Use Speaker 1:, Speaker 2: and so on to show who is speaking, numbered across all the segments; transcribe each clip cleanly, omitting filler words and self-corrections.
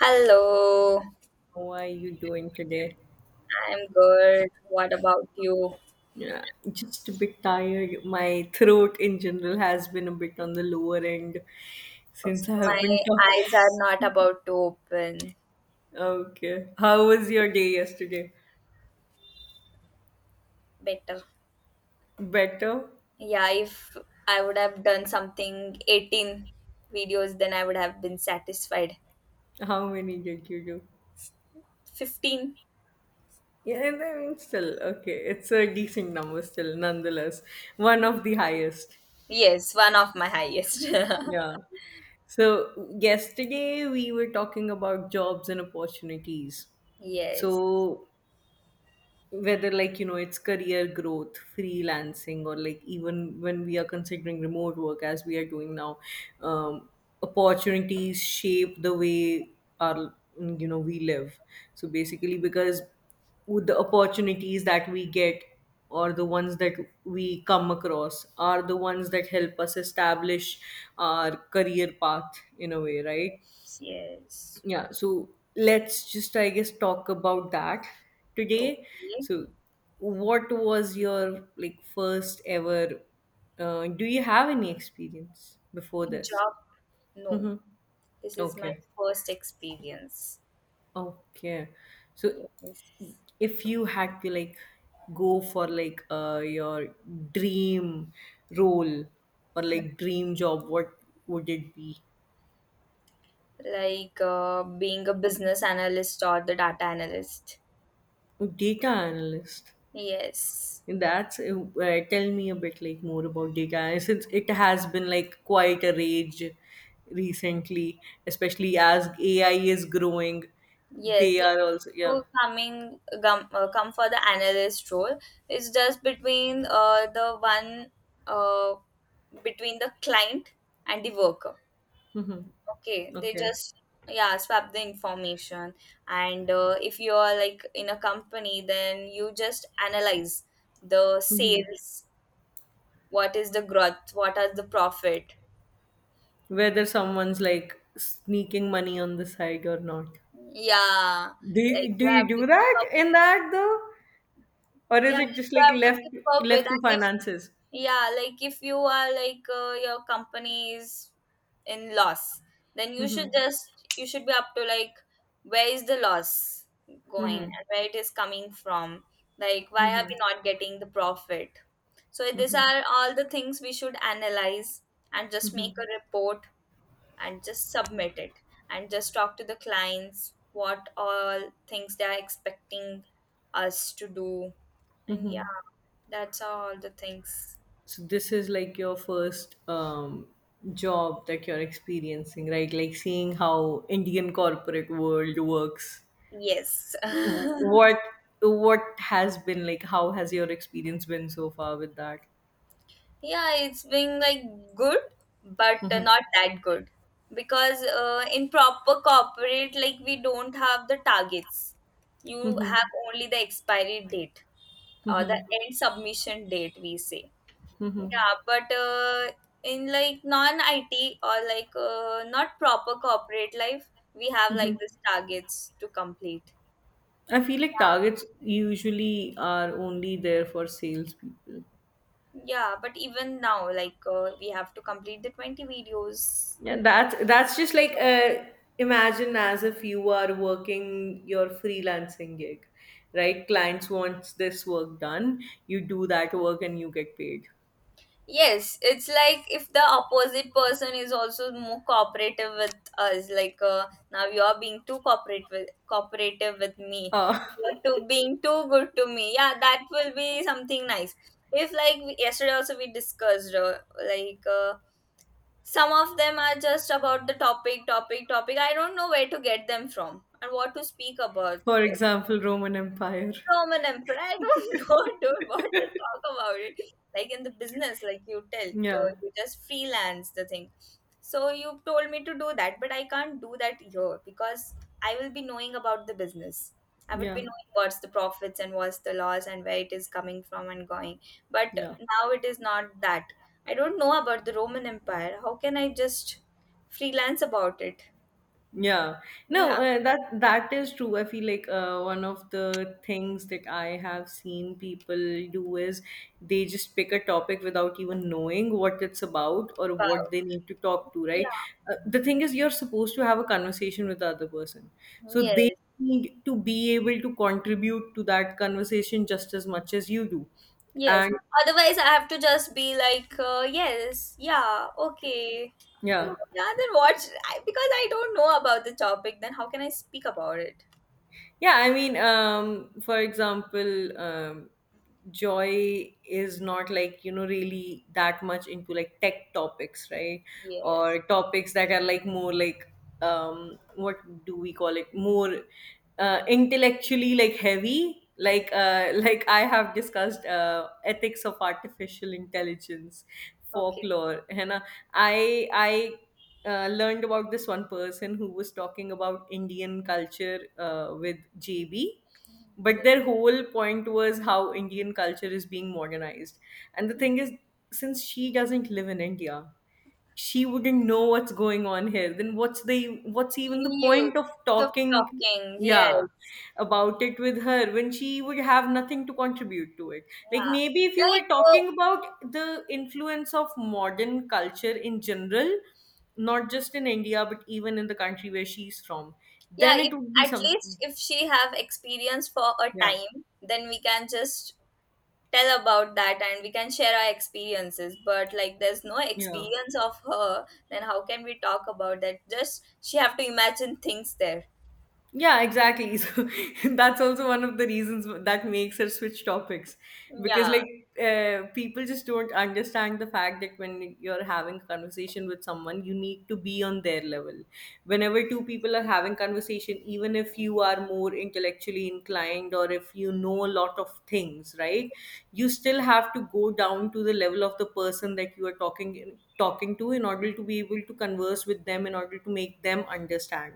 Speaker 1: Hello.
Speaker 2: How are you doing today?
Speaker 1: I'm good. What about you?
Speaker 2: Yeah, just a bit tired. My throat in general has been a bit on the lower end
Speaker 1: Okay,
Speaker 2: since I have
Speaker 1: my
Speaker 2: been talking.
Speaker 1: eyes are not about to open.
Speaker 2: Okay. How was your day yesterday?
Speaker 1: Better.
Speaker 2: Better?
Speaker 1: Yeah, if I would have done something 18 videos, then I would have been satisfied.
Speaker 2: How many did you do?
Speaker 1: 15?
Speaker 2: Yeah, and still, okay. It's a decent number, still, nonetheless. One of the highest.
Speaker 1: Yes, one of my highest.
Speaker 2: Yeah. So, yesterday we were talking about jobs and opportunities.
Speaker 1: Yes,
Speaker 2: So, whether it's career growth, freelancing, or like even when we are considering remote work as we are doing now, um, opportunities shape the way our, we live. So basically, because with the opportunities that we get, or the ones that we come across, are the ones that help us establish our career path in a way, right?
Speaker 1: yes.
Speaker 2: Yeah, so let's just, I guess, talk about that today.
Speaker 1: Okay.
Speaker 2: So, what was your like first ever? Do you have any experience before this?
Speaker 1: Job? No.
Speaker 2: Mm-hmm.
Speaker 1: This is my
Speaker 2: Okay,
Speaker 1: first experience.
Speaker 2: okay. So,
Speaker 1: Yes.
Speaker 2: if you had to like go for like your dream role or like dream job, what would it be?
Speaker 1: Like being a business analyst or the data analyst.
Speaker 2: A data analyst.
Speaker 1: Yes,
Speaker 2: That's tell me a bit like more about data, and since it has been like quite a rage recently, especially as AI is growing.
Speaker 1: yes.
Speaker 2: They are
Speaker 1: Like if
Speaker 2: also, yeah.
Speaker 1: you come for the analyst role, it's just between the one uh, between the client and the worker.
Speaker 2: Hmm.
Speaker 1: Okay, they
Speaker 2: Okay.
Speaker 1: just, yeah, swap the information, and if you are like in a company, then you just analyze the
Speaker 2: Hmm.
Speaker 1: sales. What is the growth? What are the profit?
Speaker 2: Whether someone's like sneaking money on the side or not.
Speaker 1: Yeah,
Speaker 2: Do
Speaker 1: like you
Speaker 2: you
Speaker 1: have
Speaker 2: do
Speaker 1: to keep
Speaker 2: that
Speaker 1: up.
Speaker 2: in that though, or is
Speaker 1: Yeah,
Speaker 2: it just
Speaker 1: you
Speaker 2: like
Speaker 1: have to keep up with.
Speaker 2: left to
Speaker 1: And if,
Speaker 2: finances?
Speaker 1: yeah, like if you are like your company is in loss, then
Speaker 2: Mm-hmm.
Speaker 1: you should be up to like where is the loss going
Speaker 2: Mm-hmm.
Speaker 1: and where it is coming from. Like why are
Speaker 2: Mm-hmm.
Speaker 1: we not getting the profit? So these
Speaker 2: Mm-hmm.
Speaker 1: are all the things we should analyze and just
Speaker 2: Mm-hmm.
Speaker 1: make a report and just submit it and just talk to the clients what all things they are expecting us to do, and
Speaker 2: Mm-hmm.
Speaker 1: yeah, that's all the things.
Speaker 2: So this is like your first job that you're experiencing, right? Like seeing how Indian corporate world works.
Speaker 1: Yes.
Speaker 2: What what has been like? How has your experience been so far with that?
Speaker 1: Yeah, it's been like good, but
Speaker 2: Mhm.
Speaker 1: not that good because in proper corporate like we don't have the targets, you
Speaker 2: Mhm.
Speaker 1: have only the expiry date, or the
Speaker 2: Mhm.
Speaker 1: end submission date we say.
Speaker 2: Mhm.
Speaker 1: Yeah, but in like non-IT or like not proper corporate life, we have like these targets to complete.
Speaker 2: I feel like targets usually are only there for salespeople.
Speaker 1: Yeah, but even now, like we have to complete the 20 videos.
Speaker 2: Yeah, that's just like imagine as if you are working your freelancing gig, right? Clients wants this work done, you do that work and you get paid.
Speaker 1: Yes, it's like if the opposite person is also more cooperative with us, like now you're being too cooperative with me,
Speaker 2: Uh,
Speaker 1: you're too being too good to me. Yeah, that will be something nice. If like we- yesterday also we discussed, like uh, some of them are just about the topic. I don't know where to get them from and what to speak about.
Speaker 2: for example, Roman Empire.
Speaker 1: Roman Emperor. I don't know, dude, what to talk about it. Like in the business, like you tell, you
Speaker 2: Yeah,
Speaker 1: you just freelance the thing. So you told me to do that, but I can't do that here because I will be knowing about the business. I would
Speaker 2: yeah,
Speaker 1: be knowing what's the profits and what's the loss and where it is coming from and going. But
Speaker 2: yeah.
Speaker 1: now it is not that. I don't know about the Roman Empire. How can I just freelance about it?
Speaker 2: Yeah, no,
Speaker 1: Yeah,
Speaker 2: that is true. I feel like one of the things that I have seen people do is they just pick a topic without even knowing what it's about or what
Speaker 1: wow.
Speaker 2: they need to talk to, right?
Speaker 1: Yeah,
Speaker 2: The thing is, you're supposed to have a conversation with the other person, so they
Speaker 1: yes.
Speaker 2: need to be able to contribute to that conversation just as much as you do,
Speaker 1: Yes.
Speaker 2: and
Speaker 1: Otherwise, I have to just be like, yes, yeah, okay.
Speaker 2: yeah.
Speaker 1: Yeah, then what? Because I don't know about the topic, then how can I speak about it?
Speaker 2: Yeah, for example, Joy is not like, really that much into like tech topics, right?
Speaker 1: Yes.
Speaker 2: Or topics that are like more like, what do we call it? More intellectually like heavy.
Speaker 1: Mm.
Speaker 2: Like, like I have discussed ethics of artificial intelligence,
Speaker 1: Okay.
Speaker 2: folklore, and I learned about this one person who was talking about Indian culture with JB. But
Speaker 1: Okay.
Speaker 2: their whole point was how Indian culture is being modernized. And the thing is, since she doesn't live in India, she wouldn't know what's going on here. Then what's even
Speaker 1: You,
Speaker 2: the
Speaker 1: you
Speaker 2: point of
Speaker 1: stop
Speaker 2: talking?
Speaker 1: talking.
Speaker 2: Yeah,
Speaker 1: Yes.
Speaker 2: about it with her when she would have nothing to contribute to it. Like
Speaker 1: Yeah.
Speaker 2: maybe if you were
Speaker 1: Like,
Speaker 2: talking about the influence of modern culture in general, not just in India, but even in the country where she's from,
Speaker 1: yeah,
Speaker 2: then it
Speaker 1: if,
Speaker 2: would be
Speaker 1: at
Speaker 2: something.
Speaker 1: least if she have experience for a
Speaker 2: Yeah,
Speaker 1: time, then we can just tell about that and we can share our experiences, but like there's no
Speaker 2: yeah.
Speaker 1: experience of her, then how can we talk about that? Just she have to imagine things there.
Speaker 2: Yeah, exactly. So that's also one of the reasons that makes her switch topics because,
Speaker 1: Yeah.
Speaker 2: like, people just don't understand the fact that when you're having a conversation with someone, you need to be on their level. Whenever two people are having conversation, even if you are more intellectually inclined or if you know a lot of things, right, you still have to go down to the level of the person that you are talking to, in order to be able to converse with them, in order to make them understand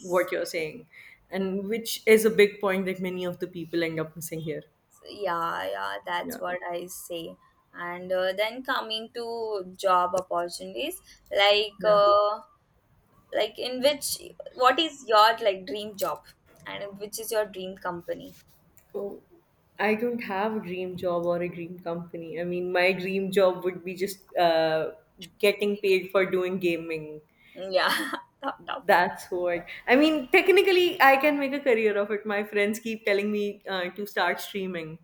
Speaker 2: what you're saying, and which is a big point that many of the people end up missing here.
Speaker 1: Yeah, yeah, that's
Speaker 2: Yeah,
Speaker 1: what I say. And then coming to job opportunities, like
Speaker 2: yeah.
Speaker 1: uh, like in which, what is your like dream job and which is your dream company?
Speaker 2: So I don't have a dream job or a dream company. My dream job would be just getting paid for doing gaming.
Speaker 1: Yeah. Top, top.
Speaker 2: That's what I mean. Technically, I can make a career of it. My friends keep telling me to start streaming,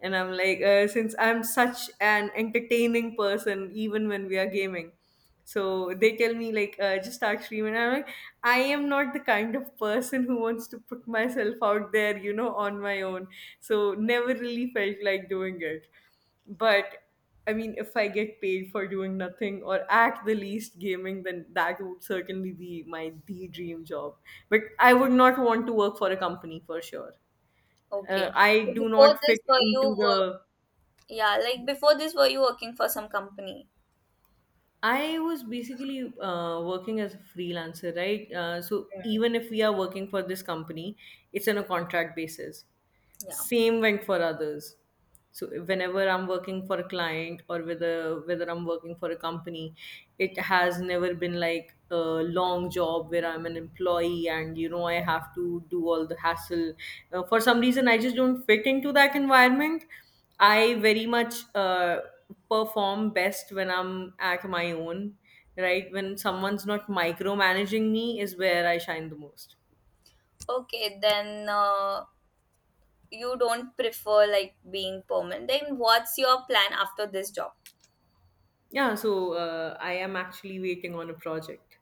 Speaker 2: and I'm like, since I'm such an entertaining person, even when we are gaming, so they tell me like, just start streaming. I'm like, I am not the kind of person who wants to put myself out there, on my own. So never really felt like doing it, but. I mean, if I get paid for doing nothing, or at the least gaming, then that would certainly be my the dream job. But I would not want to work for a company for sure.
Speaker 1: Okay,
Speaker 2: I
Speaker 1: so
Speaker 2: do
Speaker 1: before
Speaker 2: not
Speaker 1: this
Speaker 2: fit
Speaker 1: for you,
Speaker 2: into the.
Speaker 1: yeah, like before this, were you working for some company?
Speaker 2: I was basically working as a freelancer, right? So even if we are working for this company, it's on a contract basis.
Speaker 1: Yeah.
Speaker 2: Same went for others. So whenever I'm working for a client, or whether I'm working for a company, it has never been like a long job where I'm an employee and you know I have to do all the hassle. For some reason I just don't fit into that environment.
Speaker 1: Okay.
Speaker 2: I very much perform best when I'm at my own, right, when someone's not micromanaging me, is where I shine the most.
Speaker 1: Okay, then you don't prefer like being permanent. Then what's your plan after this job?
Speaker 2: Yeah, so I am actually waiting on a project.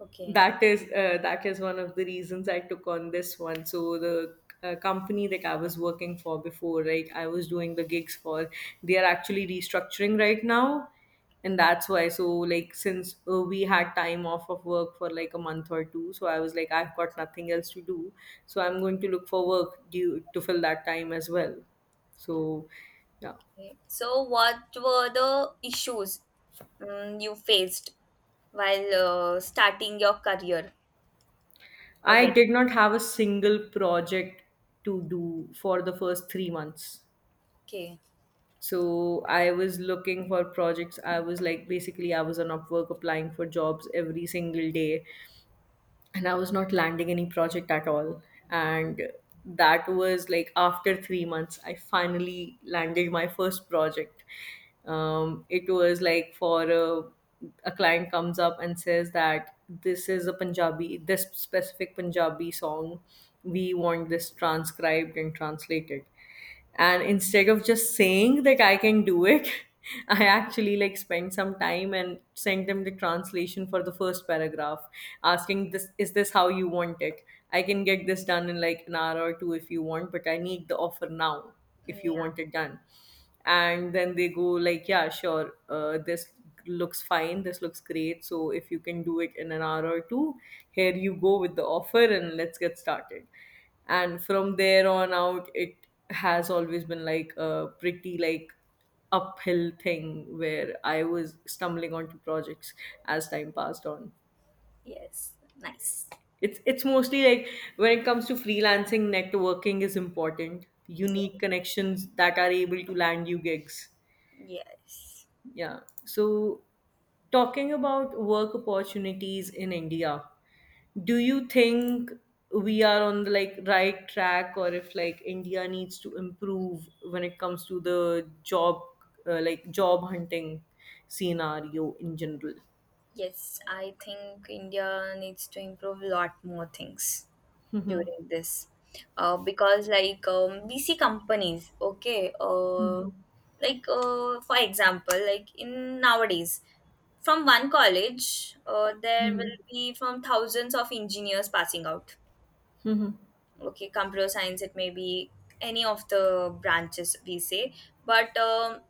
Speaker 1: Okay.
Speaker 2: That is one of the reasons I took on this one. So the company that I was working for before, right, I was doing the gigs for, they are actually restructuring right now. And
Speaker 1: Okay.
Speaker 2: that's why, so like since we had time off of work for like a month or two, so I was like, I've got nothing else to do, so
Speaker 1: Mm.
Speaker 2: I'm going to look for work due to fill that time as well. So yeah.
Speaker 1: Okay. So what were the issues you faced while starting your career
Speaker 2: I
Speaker 1: again?
Speaker 2: did not have a single project to do for the first 3 months.
Speaker 1: Okay.
Speaker 2: So I was looking for projects. I was like, basically I was on Upwork applying for jobs every single day, and I was not landing any project at all. And that was like after 3 months I finally landed my first project. Um, it was like for a client comes up and says that, this is a punjabi this specific Punjabi song, we want this transcribed and translated. And instead of just saying that I can do it, I actually like spent some time and sent them the translation for the first paragraph, asking, this is this how you want it? I can get this done in like an hour or two if you want, but I need the offer now if you
Speaker 1: Yeah.
Speaker 2: want it done. And then they go like, yeah sure, this looks fine, this looks great, so if you can do it in an hour or two, here you go with the offer, and let's get started. And from there on out, it has always been like a pretty like uphill thing, where I was stumbling onto projects as time passed on.
Speaker 1: Yes. Nice.
Speaker 2: It's mostly like when it comes to freelancing, networking is important. You need
Speaker 1: Yeah.
Speaker 2: connections that are able to land you gigs.
Speaker 1: Yes.
Speaker 2: Yeah. So, talking about work opportunities in India, do you think we are on the like right track, or if like India needs to improve when it comes to the job like job hunting scenario in general?
Speaker 1: Yes, I think India needs to improve a lot more things
Speaker 2: Mhm.
Speaker 1: during this. Because like we see companies, okay,
Speaker 2: Mhm.
Speaker 1: like for example, like in nowadays, from one college, there
Speaker 2: Mhm.
Speaker 1: will be from thousands of engineers passing out.
Speaker 2: Mhm.
Speaker 1: Okay, computer science, it may be any of the branches we say, but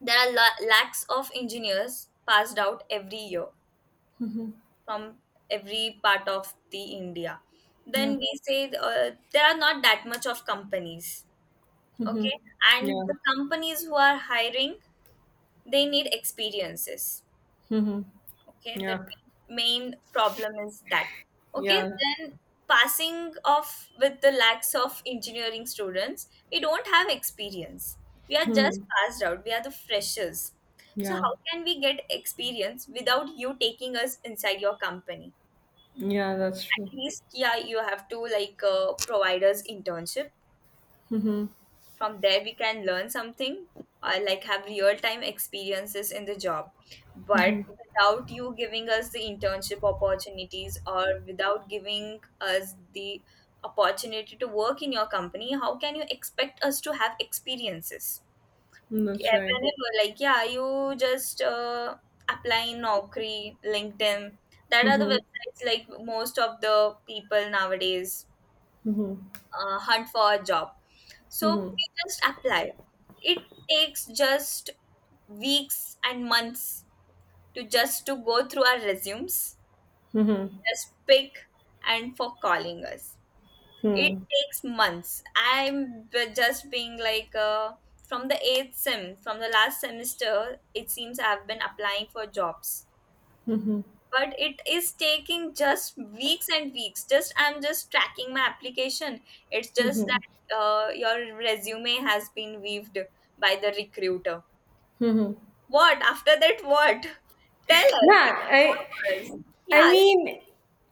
Speaker 1: there are la- lakhs of engineers passed out every year from every part of the India.
Speaker 2: Yeah.
Speaker 1: Then we say there are not that much of companies,
Speaker 2: Mhm.
Speaker 1: okay? And
Speaker 2: Yeah.
Speaker 1: the companies who are hiring, they need experiences,
Speaker 2: Mhm.
Speaker 1: okay? The
Speaker 2: Yeah.
Speaker 1: main problem is that, okay?
Speaker 2: Yeah.
Speaker 1: Then passing off with the lacks of engineering students, we don't have experience. We are just passed out. We are the freshers. So
Speaker 2: Yeah.
Speaker 1: how can we get experience without you taking us inside your company?
Speaker 2: Yeah, that's
Speaker 1: At
Speaker 2: true.
Speaker 1: least, yeah, you have to like provide us internship, from there we can learn something or like have real time experiences in the job. But without you giving us the internship opportunities, or without giving us the opportunity to work in your company, how can you expect us to have experiences?
Speaker 2: That's
Speaker 1: Yeah,
Speaker 2: right.
Speaker 1: whenever like, yeah, you just apply in Naukri, LinkedIn, that are the
Speaker 2: Mhm.
Speaker 1: websites like most of the people nowadays hunt for a job. So
Speaker 2: Mhm.
Speaker 1: we just apply. It takes just weeks and months to just to go through our resumes, just pick and for calling us. It
Speaker 2: Mhm.
Speaker 1: takes months. I'm b- just being like from the eighth sem, from the last semester, it seems I've been applying for jobs, but it is taking just weeks and weeks. Just I'm just tracking my application, it's just that your resume has been weaved by the recruiter.
Speaker 2: Mhm.
Speaker 1: What after that? What, tell us,
Speaker 2: Yeah,
Speaker 1: inform us. Yeah,
Speaker 2: I
Speaker 1: like,
Speaker 2: mean,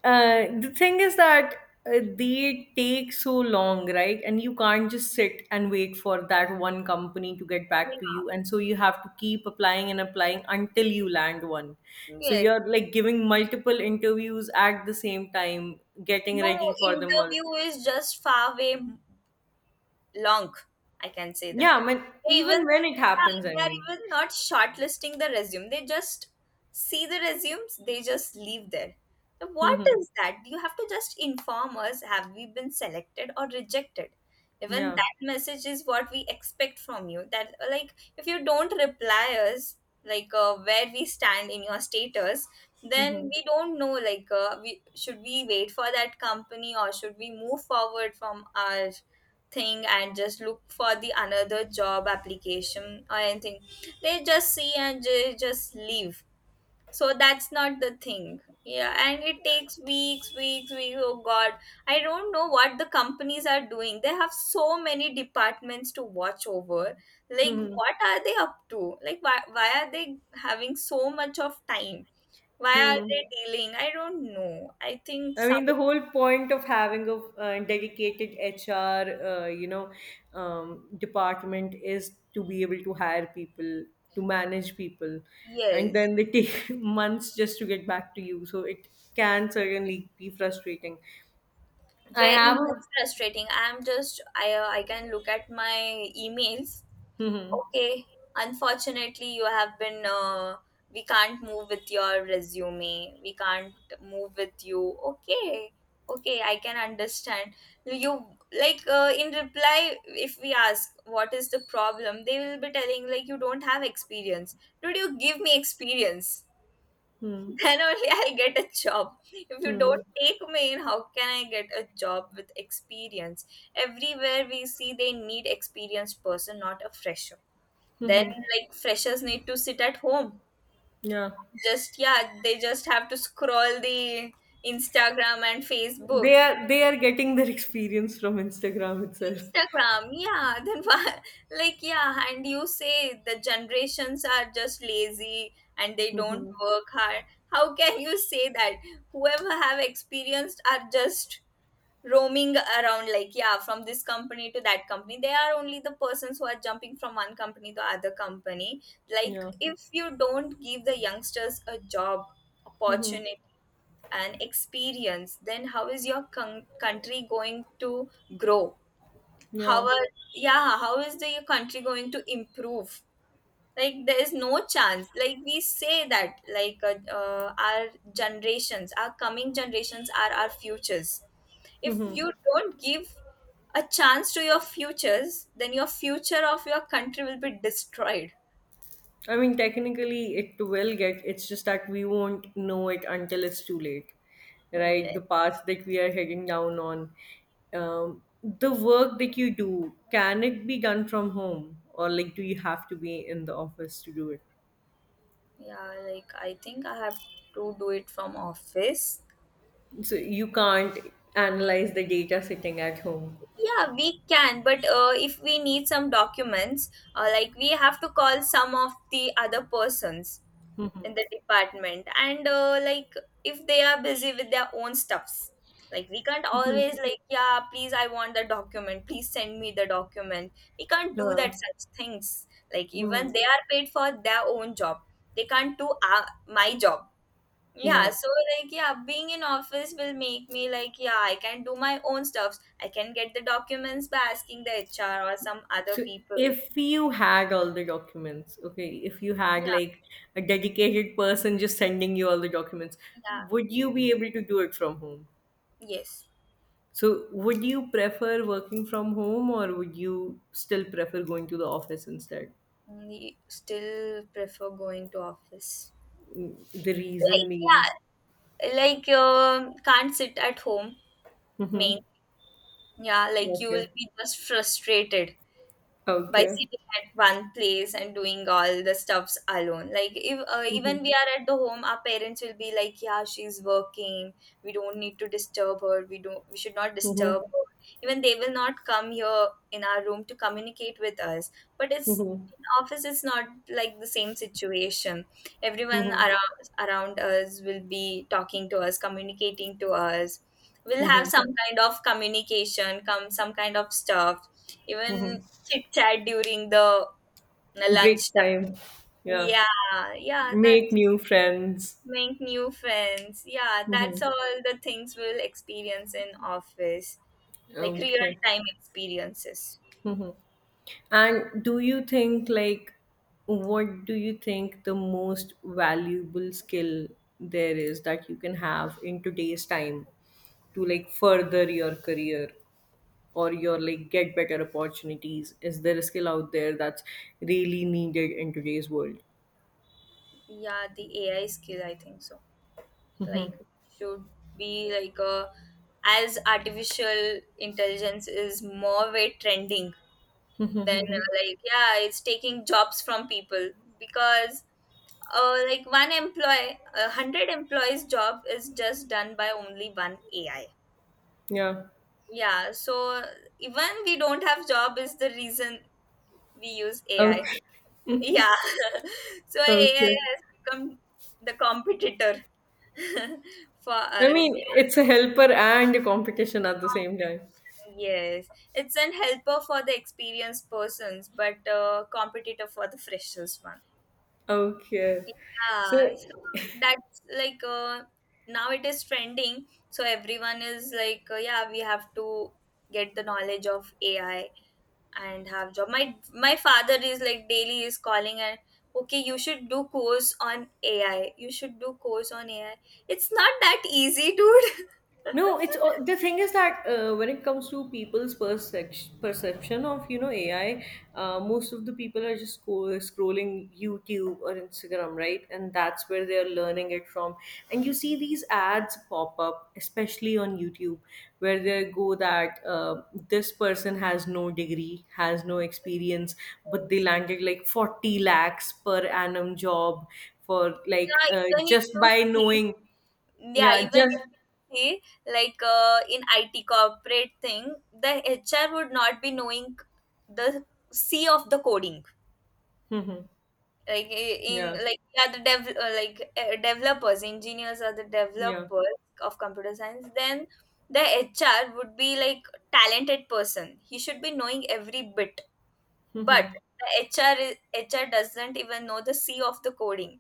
Speaker 2: the thing is that they take so long, right? And you can't just sit and wait for that one company to get back to
Speaker 1: yeah.
Speaker 2: you. And so you have to keep applying and applying until you land one. So
Speaker 1: Yes.
Speaker 2: you're like giving multiple interviews at the same time, getting
Speaker 1: No,
Speaker 2: ready for them all.
Speaker 1: interview is just far away, long, I can say that.
Speaker 2: Yeah, I mean,
Speaker 1: They even,
Speaker 2: even when
Speaker 1: yeah,
Speaker 2: it happens, I
Speaker 1: they are
Speaker 2: mean.
Speaker 1: even not shortlisting the resume, they just see the resumes, they just leave there. Now, what
Speaker 2: Mhm.
Speaker 1: is that? You have to just inform us, have we been selected or rejected. Even
Speaker 2: Yeah.
Speaker 1: that message is what we expect from you. That like if you don't reply us, like where we stand in your status, then
Speaker 2: Hmm.
Speaker 1: we don't know like we should, we wait for that company, or should we move forward from our thing and just look for the another job application or anything. They just see and they just leave. So that's not the thing. Yeah, and it takes weeks, weeks, weeks. Oh god, I don't know what the companies are doing. They have so many departments to watch over. Like
Speaker 2: Hmm.
Speaker 1: what are they up to? Like why are they having so much of time? Why are
Speaker 2: Hmm.
Speaker 1: they dealing? I don't know, I think
Speaker 2: I
Speaker 1: some.
Speaker 2: mean, the whole point of having a dedicated HR, uh, you know, department is to be able to hire people, to manage people, and
Speaker 1: Yes,
Speaker 2: then they take months just to get back to you. So it can certainly be frustrating. I
Speaker 1: very
Speaker 2: have
Speaker 1: much
Speaker 2: a.
Speaker 1: frustrating. I'm just, I can look at my emails.
Speaker 2: Hmm.
Speaker 1: Okay, unfortunately, you have been. We can't move with your resume. We can't move with you. Okay, okay, I can understand. You, like in reply, if we ask what is the problem, they will be telling like you don't have experience. Dude, you give me experience.
Speaker 2: Hmm.
Speaker 1: Then only I'll get a job. If you
Speaker 2: Hmm.
Speaker 1: don't
Speaker 2: Hmm.
Speaker 1: take me in, how can I get a job with experience? Everywhere we see they need experienced person, not a fresher. Then, like, freshers need to sit at home.
Speaker 2: Yeah,
Speaker 1: Just yeah, they just have to scroll the Instagram and Facebook.
Speaker 2: they are getting their experience from Instagram itself.
Speaker 1: Instagram, yeah. Then wha- like, yeah, and you say the generations are just lazy and they
Speaker 2: Hmm.
Speaker 1: don't
Speaker 2: Hmm.
Speaker 1: work hard. How can you say that? Whoever have experienced are just roaming around, like, yeah, from this company to that company, they are only the persons who are jumping from one company to other company. Like
Speaker 2: Yeah.
Speaker 1: if you don't give the youngsters a job
Speaker 2: Hmm. Hmm.
Speaker 1: opportunity and experience, then how is your con- country going to grow? How
Speaker 2: Yeah.
Speaker 1: are, yeah, how is the country going to improve? Like there is no chance. Like we say that like our generations, our coming generations, are our futures. If you don't give a chance to your futures, then your future of your country will be destroyed.
Speaker 2: I mean, technically, it will get. It's just that we won't know it until it's too late, right?
Speaker 1: Yeah,
Speaker 2: The path that we are heading down on, the work that you do, can it be done from home, or like, do you have to be in the office to do it?
Speaker 1: yeah, like I think I have to do it from office.
Speaker 2: So you can't analyze the data sitting at home.
Speaker 1: Yeah, we can, but if we need some documents, like we have to call some of the other persons in the department, and like if they are busy with their own stuffs, like we can't always like, yeah, please I want the document, please send me the document. We can't do
Speaker 2: Huh.
Speaker 1: that such things. Like
Speaker 2: Hmm.
Speaker 1: even they are paid for their own job, they can't do my job. Yeah,
Speaker 2: Yeah.
Speaker 1: so like, yeah, being in office will make me like, yeah, I can do my own stuffs, I can get the documents by asking the HR or some other
Speaker 2: So
Speaker 1: people.
Speaker 2: if you had all the documents, okay, if you had
Speaker 1: Yeah.
Speaker 2: like a dedicated person just sending you all the documents,
Speaker 1: Yeah.
Speaker 2: would you be able to do it from home?
Speaker 1: Yes,
Speaker 2: So would you prefer working from home or would you still prefer going to the office instead?
Speaker 1: only still prefer going to office.
Speaker 2: Mm, the reason
Speaker 1: Like,
Speaker 2: being.
Speaker 1: yeah, like can't sit at home
Speaker 2: Mm-hmm.
Speaker 1: main. Yeah, like you will
Speaker 2: Okay.
Speaker 1: be just frustrated by
Speaker 2: Okay.
Speaker 1: sitting at one place and doing all the stuffs alone. Like if,
Speaker 2: Mm-hmm.
Speaker 1: even we are at the home, our parents will be like, yeah, she's working, we don't need to disturb her, we should not
Speaker 2: Mm-hmm.
Speaker 1: disturb her. Even they will not come here in our room to communicate with us, but it's
Speaker 2: Mm-hmm.
Speaker 1: in office, it's not like the same situation. Everyone
Speaker 2: Mm-hmm.
Speaker 1: around us will be talking to us, communicating to us. We'll have
Speaker 2: Mm-hmm.
Speaker 1: some kind of communication, come some kind of stuff, even
Speaker 2: Mm-hmm.
Speaker 1: chit chat during the lunch
Speaker 2: Break
Speaker 1: time.
Speaker 2: time. Yeah.
Speaker 1: Yeah, yeah, that
Speaker 2: Make new friends.
Speaker 1: make new friends. Yeah,
Speaker 2: Mm-hmm.
Speaker 1: that's all the things we'll experience in office, like real
Speaker 2: Okay.
Speaker 1: time experiences.
Speaker 2: Mm-hmm. And do you think, like, what do you think the most valuable skill there is that you can have in today's time to, like, further your career or your, like, get better opportunities? Is there a skill out there that's really needed in today's world?
Speaker 1: Yeah, the AI skill, I think so. Like should be like a, as artificial intelligence is more way trending than like, yeah, it's taking jobs from people, because like, one employee, a hundred employees' job is just done by only one AI.
Speaker 2: Yeah.
Speaker 1: Yeah, so even we don't have job is the reason we use AI.
Speaker 2: Okay.
Speaker 1: Yeah, so AI
Speaker 2: Okay.
Speaker 1: has become the competitor for
Speaker 2: I
Speaker 1: us.
Speaker 2: mean,
Speaker 1: Yeah,
Speaker 2: it's a helper and a competition at the same time.
Speaker 1: competition. Yes, it's an helper for the experienced persons, but competitor for the freshers one.
Speaker 2: Okay. So
Speaker 1: Yeah, so that's like now it is trending. So everyone is like, yeah, we have to get the knowledge of AI and have job. My father is like daily is calling and okay, you should do course on AI. You should do course on AI. It's not that easy, dude.
Speaker 2: no, it's the thing is that when it comes to people's perception of AI, most of the people are just scrolling YouTube or Instagram, right? And that's where they are learning it from. And you see these ads pop up, especially on YouTube, where they go that this person has no degree, has no experience, but they
Speaker 1: Yes.
Speaker 2: landed like 40 lakhs per annum job for like
Speaker 1: Yeah, even if
Speaker 2: just by
Speaker 1: you
Speaker 2: knowing,
Speaker 1: Yeah,
Speaker 2: yeah,
Speaker 1: even
Speaker 2: just.
Speaker 1: if you see, like in IT corporate thing, the HR would not be knowing the C of the coding. Like in,
Speaker 2: Yeah,
Speaker 1: like, yeah, the dev like, developers, engineers are the
Speaker 2: yeah.
Speaker 1: developers of computer science. Then the HR would be like talented person. He should be knowing every bit, but
Speaker 2: Mhm.
Speaker 1: HR doesn't even know the C of the coding.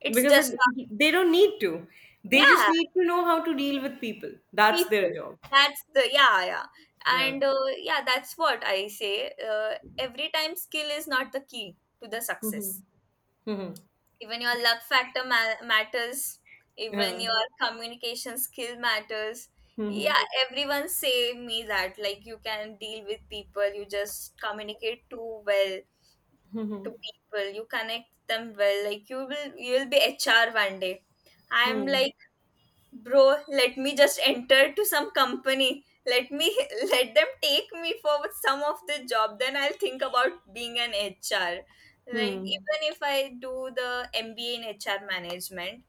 Speaker 1: It's
Speaker 2: Because
Speaker 1: just,
Speaker 2: it, they don't need to. They just
Speaker 1: yeah,
Speaker 2: need to know how to deal with people. That's their
Speaker 1: people,
Speaker 2: job.
Speaker 1: that's the, yeah, yeah.
Speaker 2: Yeah.
Speaker 1: And yeah, that's what I say, every time skill is not the key to the
Speaker 2: Mm-hmm.
Speaker 1: success.
Speaker 2: Mm-hmm.
Speaker 1: Even your luck factor matters, even
Speaker 2: Yeah.
Speaker 1: your communication skill matters.
Speaker 2: Hmm.
Speaker 1: Yeah, everyone say me that, like, you can deal with people, you just communicate too well to people, you connect them well, like you will be HR one day. I'm
Speaker 2: Hmm.
Speaker 1: like, bro, let me just enter to some company, let me let them take me for some of the job, then I'll think about being an HR. Like,
Speaker 2: Hmm.
Speaker 1: even if I do the MBA in HR management,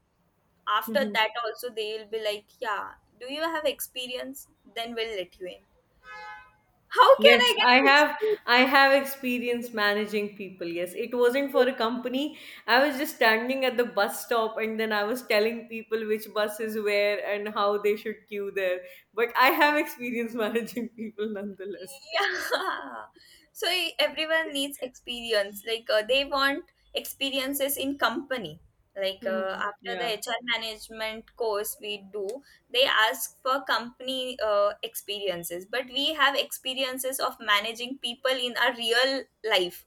Speaker 1: after
Speaker 2: Mhm.
Speaker 1: that also they will be like, yeah, do you have experience, then we'll let you in. How can
Speaker 2: Yes,
Speaker 1: I get experience?
Speaker 2: I have experience managing people. Yes, it wasn't for a company. I was just standing at the bus stop and then I was telling people which bus is where and how they should queue there. But I have experience managing people nonetheless.
Speaker 1: Yeah, so everyone needs experience. Like they want experiences in company. Like
Speaker 2: Hmm.
Speaker 1: after the
Speaker 2: Yeah,
Speaker 1: HR management course we do, they ask for company experiences, but we have experiences of managing people in our real life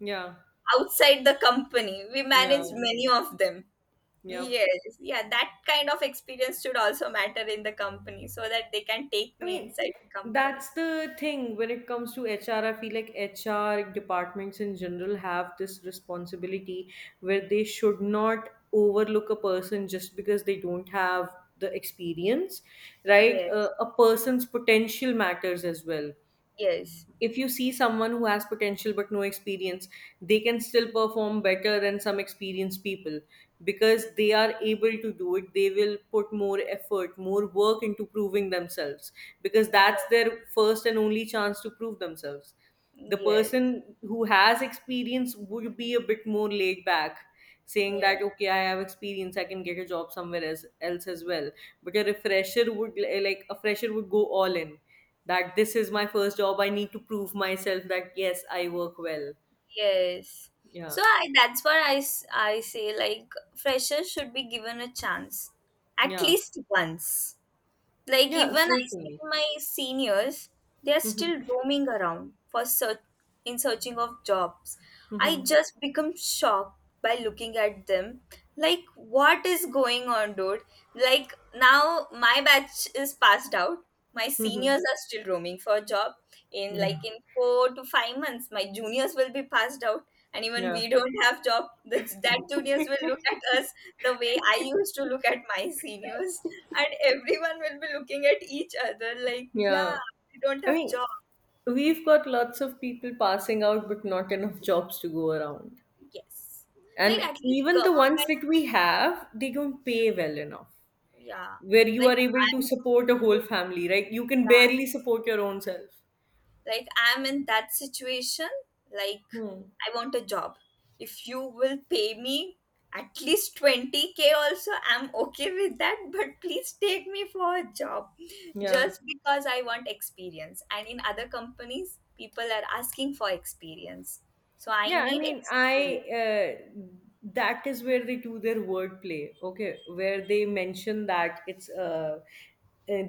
Speaker 2: yeah,
Speaker 1: outside the company. We
Speaker 2: yeah,
Speaker 1: manage many of them.
Speaker 2: yeah.
Speaker 1: Yes, yeah, that kind of experience should also matter in the company so that they can take
Speaker 2: I
Speaker 1: me
Speaker 2: mean,
Speaker 1: inside the company.
Speaker 2: that's the thing when it comes to HR. I feel like HR departments in general have this responsibility where they should not overlook a person just because they don't have the experience, right?
Speaker 1: Yes,
Speaker 2: A person's potential matters as well.
Speaker 1: yes.
Speaker 2: If you see someone who has potential but no experience, they can still perform better than some experienced people because they are able to do it. They will put more effort, more work into proving themselves because that's their first and only chance to prove themselves. The
Speaker 1: Yes,
Speaker 2: person who has experience would be a bit more laid back, saying
Speaker 1: yeah,
Speaker 2: that okay, I have experience, I can get a job somewhere else, as well. But a refresher would like a fresher would go all in, that this is my first job, I need to prove myself, that yes, I work well.
Speaker 1: yes.
Speaker 2: Yeah,
Speaker 1: So I, that's what I, s- I say, like, freshers should be given a chance at
Speaker 2: yeah,
Speaker 1: least once. Like,
Speaker 2: yeah,
Speaker 1: even I see
Speaker 2: certainly.
Speaker 1: my seniors, they are
Speaker 2: Mhm.
Speaker 1: still roaming around for search, in searching of jobs. I
Speaker 2: Mhm.
Speaker 1: just become shocked by looking at them. Like, what is going on, dude? Like now my batch is passed out. My
Speaker 2: Mhm.
Speaker 1: seniors are still roaming for a job. In
Speaker 2: Yeah,
Speaker 1: like in four to five months, my juniors will be passed out. And even
Speaker 2: yeah,
Speaker 1: we don't have job, that juniors will look at us the way I used to look at my seniors, and everyone will be looking at each other like, yeah,
Speaker 2: yeah.
Speaker 1: we don't
Speaker 2: I
Speaker 1: have
Speaker 2: mean,
Speaker 1: job.
Speaker 2: we've got lots of people passing out, but not enough jobs to go around.
Speaker 1: Yes. Like
Speaker 2: And
Speaker 1: at least
Speaker 2: even the ones
Speaker 1: government,
Speaker 2: that we have, they don't pay well enough
Speaker 1: yeah.
Speaker 2: where you
Speaker 1: Like
Speaker 2: are able to
Speaker 1: I'm
Speaker 2: support a whole family, right? You can barely
Speaker 1: yeah,
Speaker 2: support your own self.
Speaker 1: like, I'm in that situation, like,
Speaker 2: Hmm.
Speaker 1: I want a job. If you will pay me at least 20k also, I'm okay with that, but please take me for a job,
Speaker 2: Yeah.
Speaker 1: just because I want experience. And in other companies, people are asking for experience. So I
Speaker 2: Yeah, I
Speaker 1: need
Speaker 2: mean, I
Speaker 1: experience.
Speaker 2: that is where they do their wordplay, okay, where they mention that it's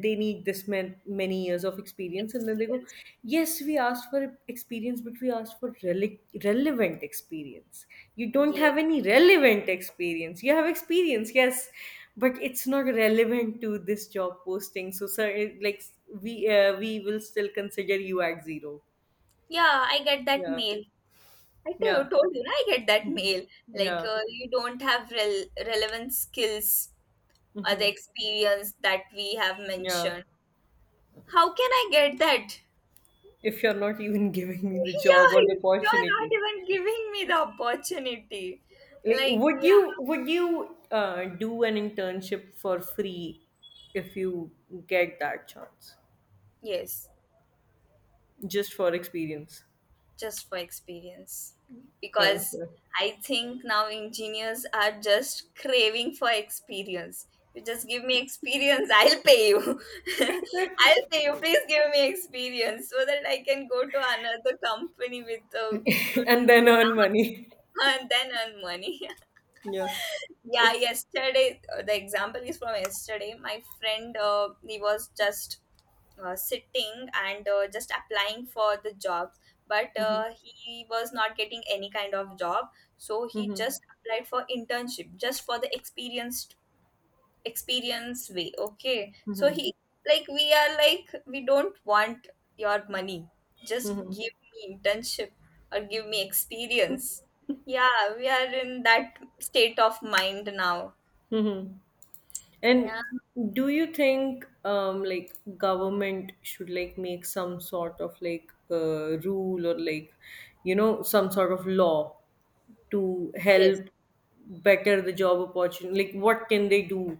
Speaker 2: they need this many years of experience, and then they go,
Speaker 1: Experiences.
Speaker 2: yes, we asked for experience, but we asked for relevant experience. You don't
Speaker 1: Yes.
Speaker 2: have any relevant experience. You have experience, yes, but it's not relevant to this job posting. So, sir, like we will still consider you at zero.
Speaker 1: Yeah, I get that
Speaker 2: Yeah,
Speaker 1: mail. I to-
Speaker 2: yeah.
Speaker 1: told you, na, I get that
Speaker 2: Mhm.
Speaker 1: mail. Like,
Speaker 2: Yeah.
Speaker 1: you don't have relevant skills or
Speaker 2: Hmm.
Speaker 1: the experience that we have
Speaker 2: Yeah.
Speaker 1: mentioned. How can I get that?
Speaker 2: If you're not even giving me the job or the
Speaker 1: Yeah, you're
Speaker 2: opportunity,
Speaker 1: not even giving me the opportunity.
Speaker 2: like
Speaker 1: Like, yeah.
Speaker 2: would you do an internship for free if you get that chance,
Speaker 1: Yes.
Speaker 2: just for experience?
Speaker 1: Just for experience, because
Speaker 2: Okay.
Speaker 1: I think now engineers are just craving for experience. You just give me experience, I'll pay you, I'll pay you, please give me experience so that I can go to another company with a
Speaker 2: And then
Speaker 1: good,
Speaker 2: earn money.
Speaker 1: and then earn money.
Speaker 2: Yeah.
Speaker 1: Yeah,
Speaker 2: It's.
Speaker 1: yesterday the example is from yesterday. My friend, he was just sitting and just applying for the jobs, but
Speaker 2: Hmm.
Speaker 1: he was not getting any kind of job, so he
Speaker 2: Hmm.
Speaker 1: just applied for internship, just for the experience way. Okay, so
Speaker 2: Hmm.
Speaker 1: he, like, we are like, we don't want your money, just
Speaker 2: Hmm.
Speaker 1: give me internship or give me experience. Yeah, we are in that state of mind now.
Speaker 2: Hmm.
Speaker 1: Yeah.
Speaker 2: And do you think like government should like make some sort of like rule or like some sort of law to
Speaker 1: Yes,
Speaker 2: help better the job opportunity? Like what can they do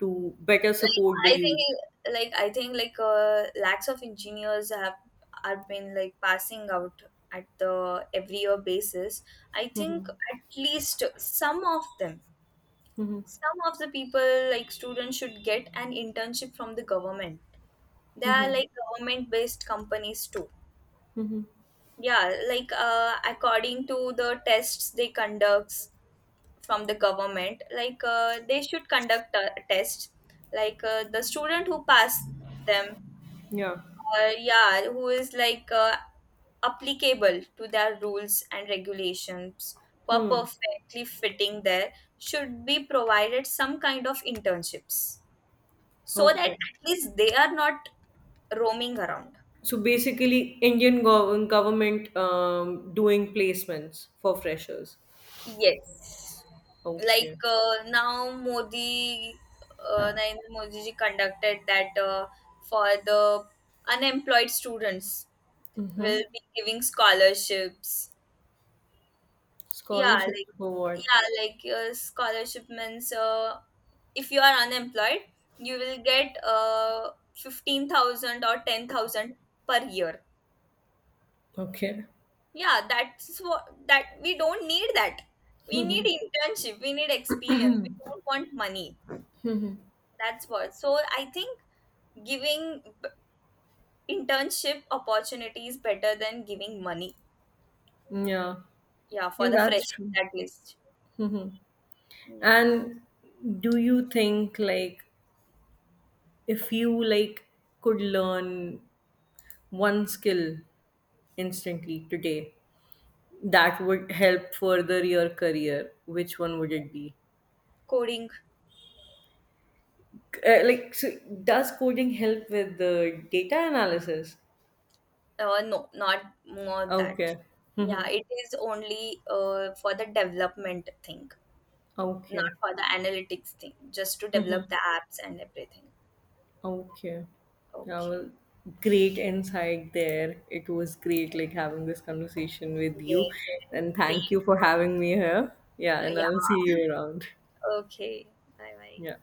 Speaker 2: to better
Speaker 1: like
Speaker 2: support the
Speaker 1: i
Speaker 2: youth?
Speaker 1: think like i think like lakhs of engineers have are been like passing out at the every year basis. I think
Speaker 2: Hmm.
Speaker 1: at least
Speaker 2: Hmm.
Speaker 1: some of the people, like students, should get an internship from the government. They are
Speaker 2: Hmm.
Speaker 1: like government based companies too.
Speaker 2: Hmm.
Speaker 1: Yeah, like according to the tests they conducts from the government, like they should conduct a test, like the student who pass them,
Speaker 2: Yeah.
Speaker 1: yeah, who is like applicable to their rules and regulations, who are
Speaker 2: Hmm.
Speaker 1: perfectly fitting there, should be provided some kind of internships, so that
Speaker 2: Okay.
Speaker 1: at least they are not roaming around.
Speaker 2: So basically, Indian government doing placements for freshers.
Speaker 1: Yes.
Speaker 2: Okay.
Speaker 1: Like, now, Modi, Narendra Modi ji conducted that for the unemployed students
Speaker 2: Mm-hmm.
Speaker 1: will be giving scholarships. Yeah,
Speaker 2: Scholarship
Speaker 1: like,
Speaker 2: for what?
Speaker 1: yeah, like, your scholarship means, if you are unemployed, you will get 15,000 or 10,000 per year.
Speaker 2: Okay.
Speaker 1: Yeah, that's what, that we don't need that, we need internship, we need experience, we don't want money. That's what, so I think giving internship opportunities better than giving money.
Speaker 2: Yeah.
Speaker 1: Yeah,
Speaker 2: Yeah,
Speaker 1: for the
Speaker 2: that's
Speaker 1: fresh
Speaker 2: true.
Speaker 1: at least.
Speaker 2: Mhm.
Speaker 1: Yeah.
Speaker 2: And do you think like if you like could learn one skill instantly today that would help further your career, which one would it be?
Speaker 1: Coding.
Speaker 2: Like so does coding help with the data analysis?
Speaker 1: No, not more that.
Speaker 2: Okay.
Speaker 1: Yeah,
Speaker 2: Mhm.
Speaker 1: it is only for the development thing, not
Speaker 2: Okay.
Speaker 1: for the analytics thing, just to develop the
Speaker 2: Mm-hmm.
Speaker 1: apps and everything.
Speaker 2: Okay. Yeah, well,
Speaker 1: Okay.
Speaker 2: great insight there. It was great like having this conversation with you.
Speaker 1: Yes, yes.
Speaker 2: And
Speaker 1: See
Speaker 2: thank you for having me here. Yeah, and
Speaker 1: you.
Speaker 2: I'll see you around.
Speaker 1: Yeah. Okay. Bye bye.
Speaker 2: Yeah.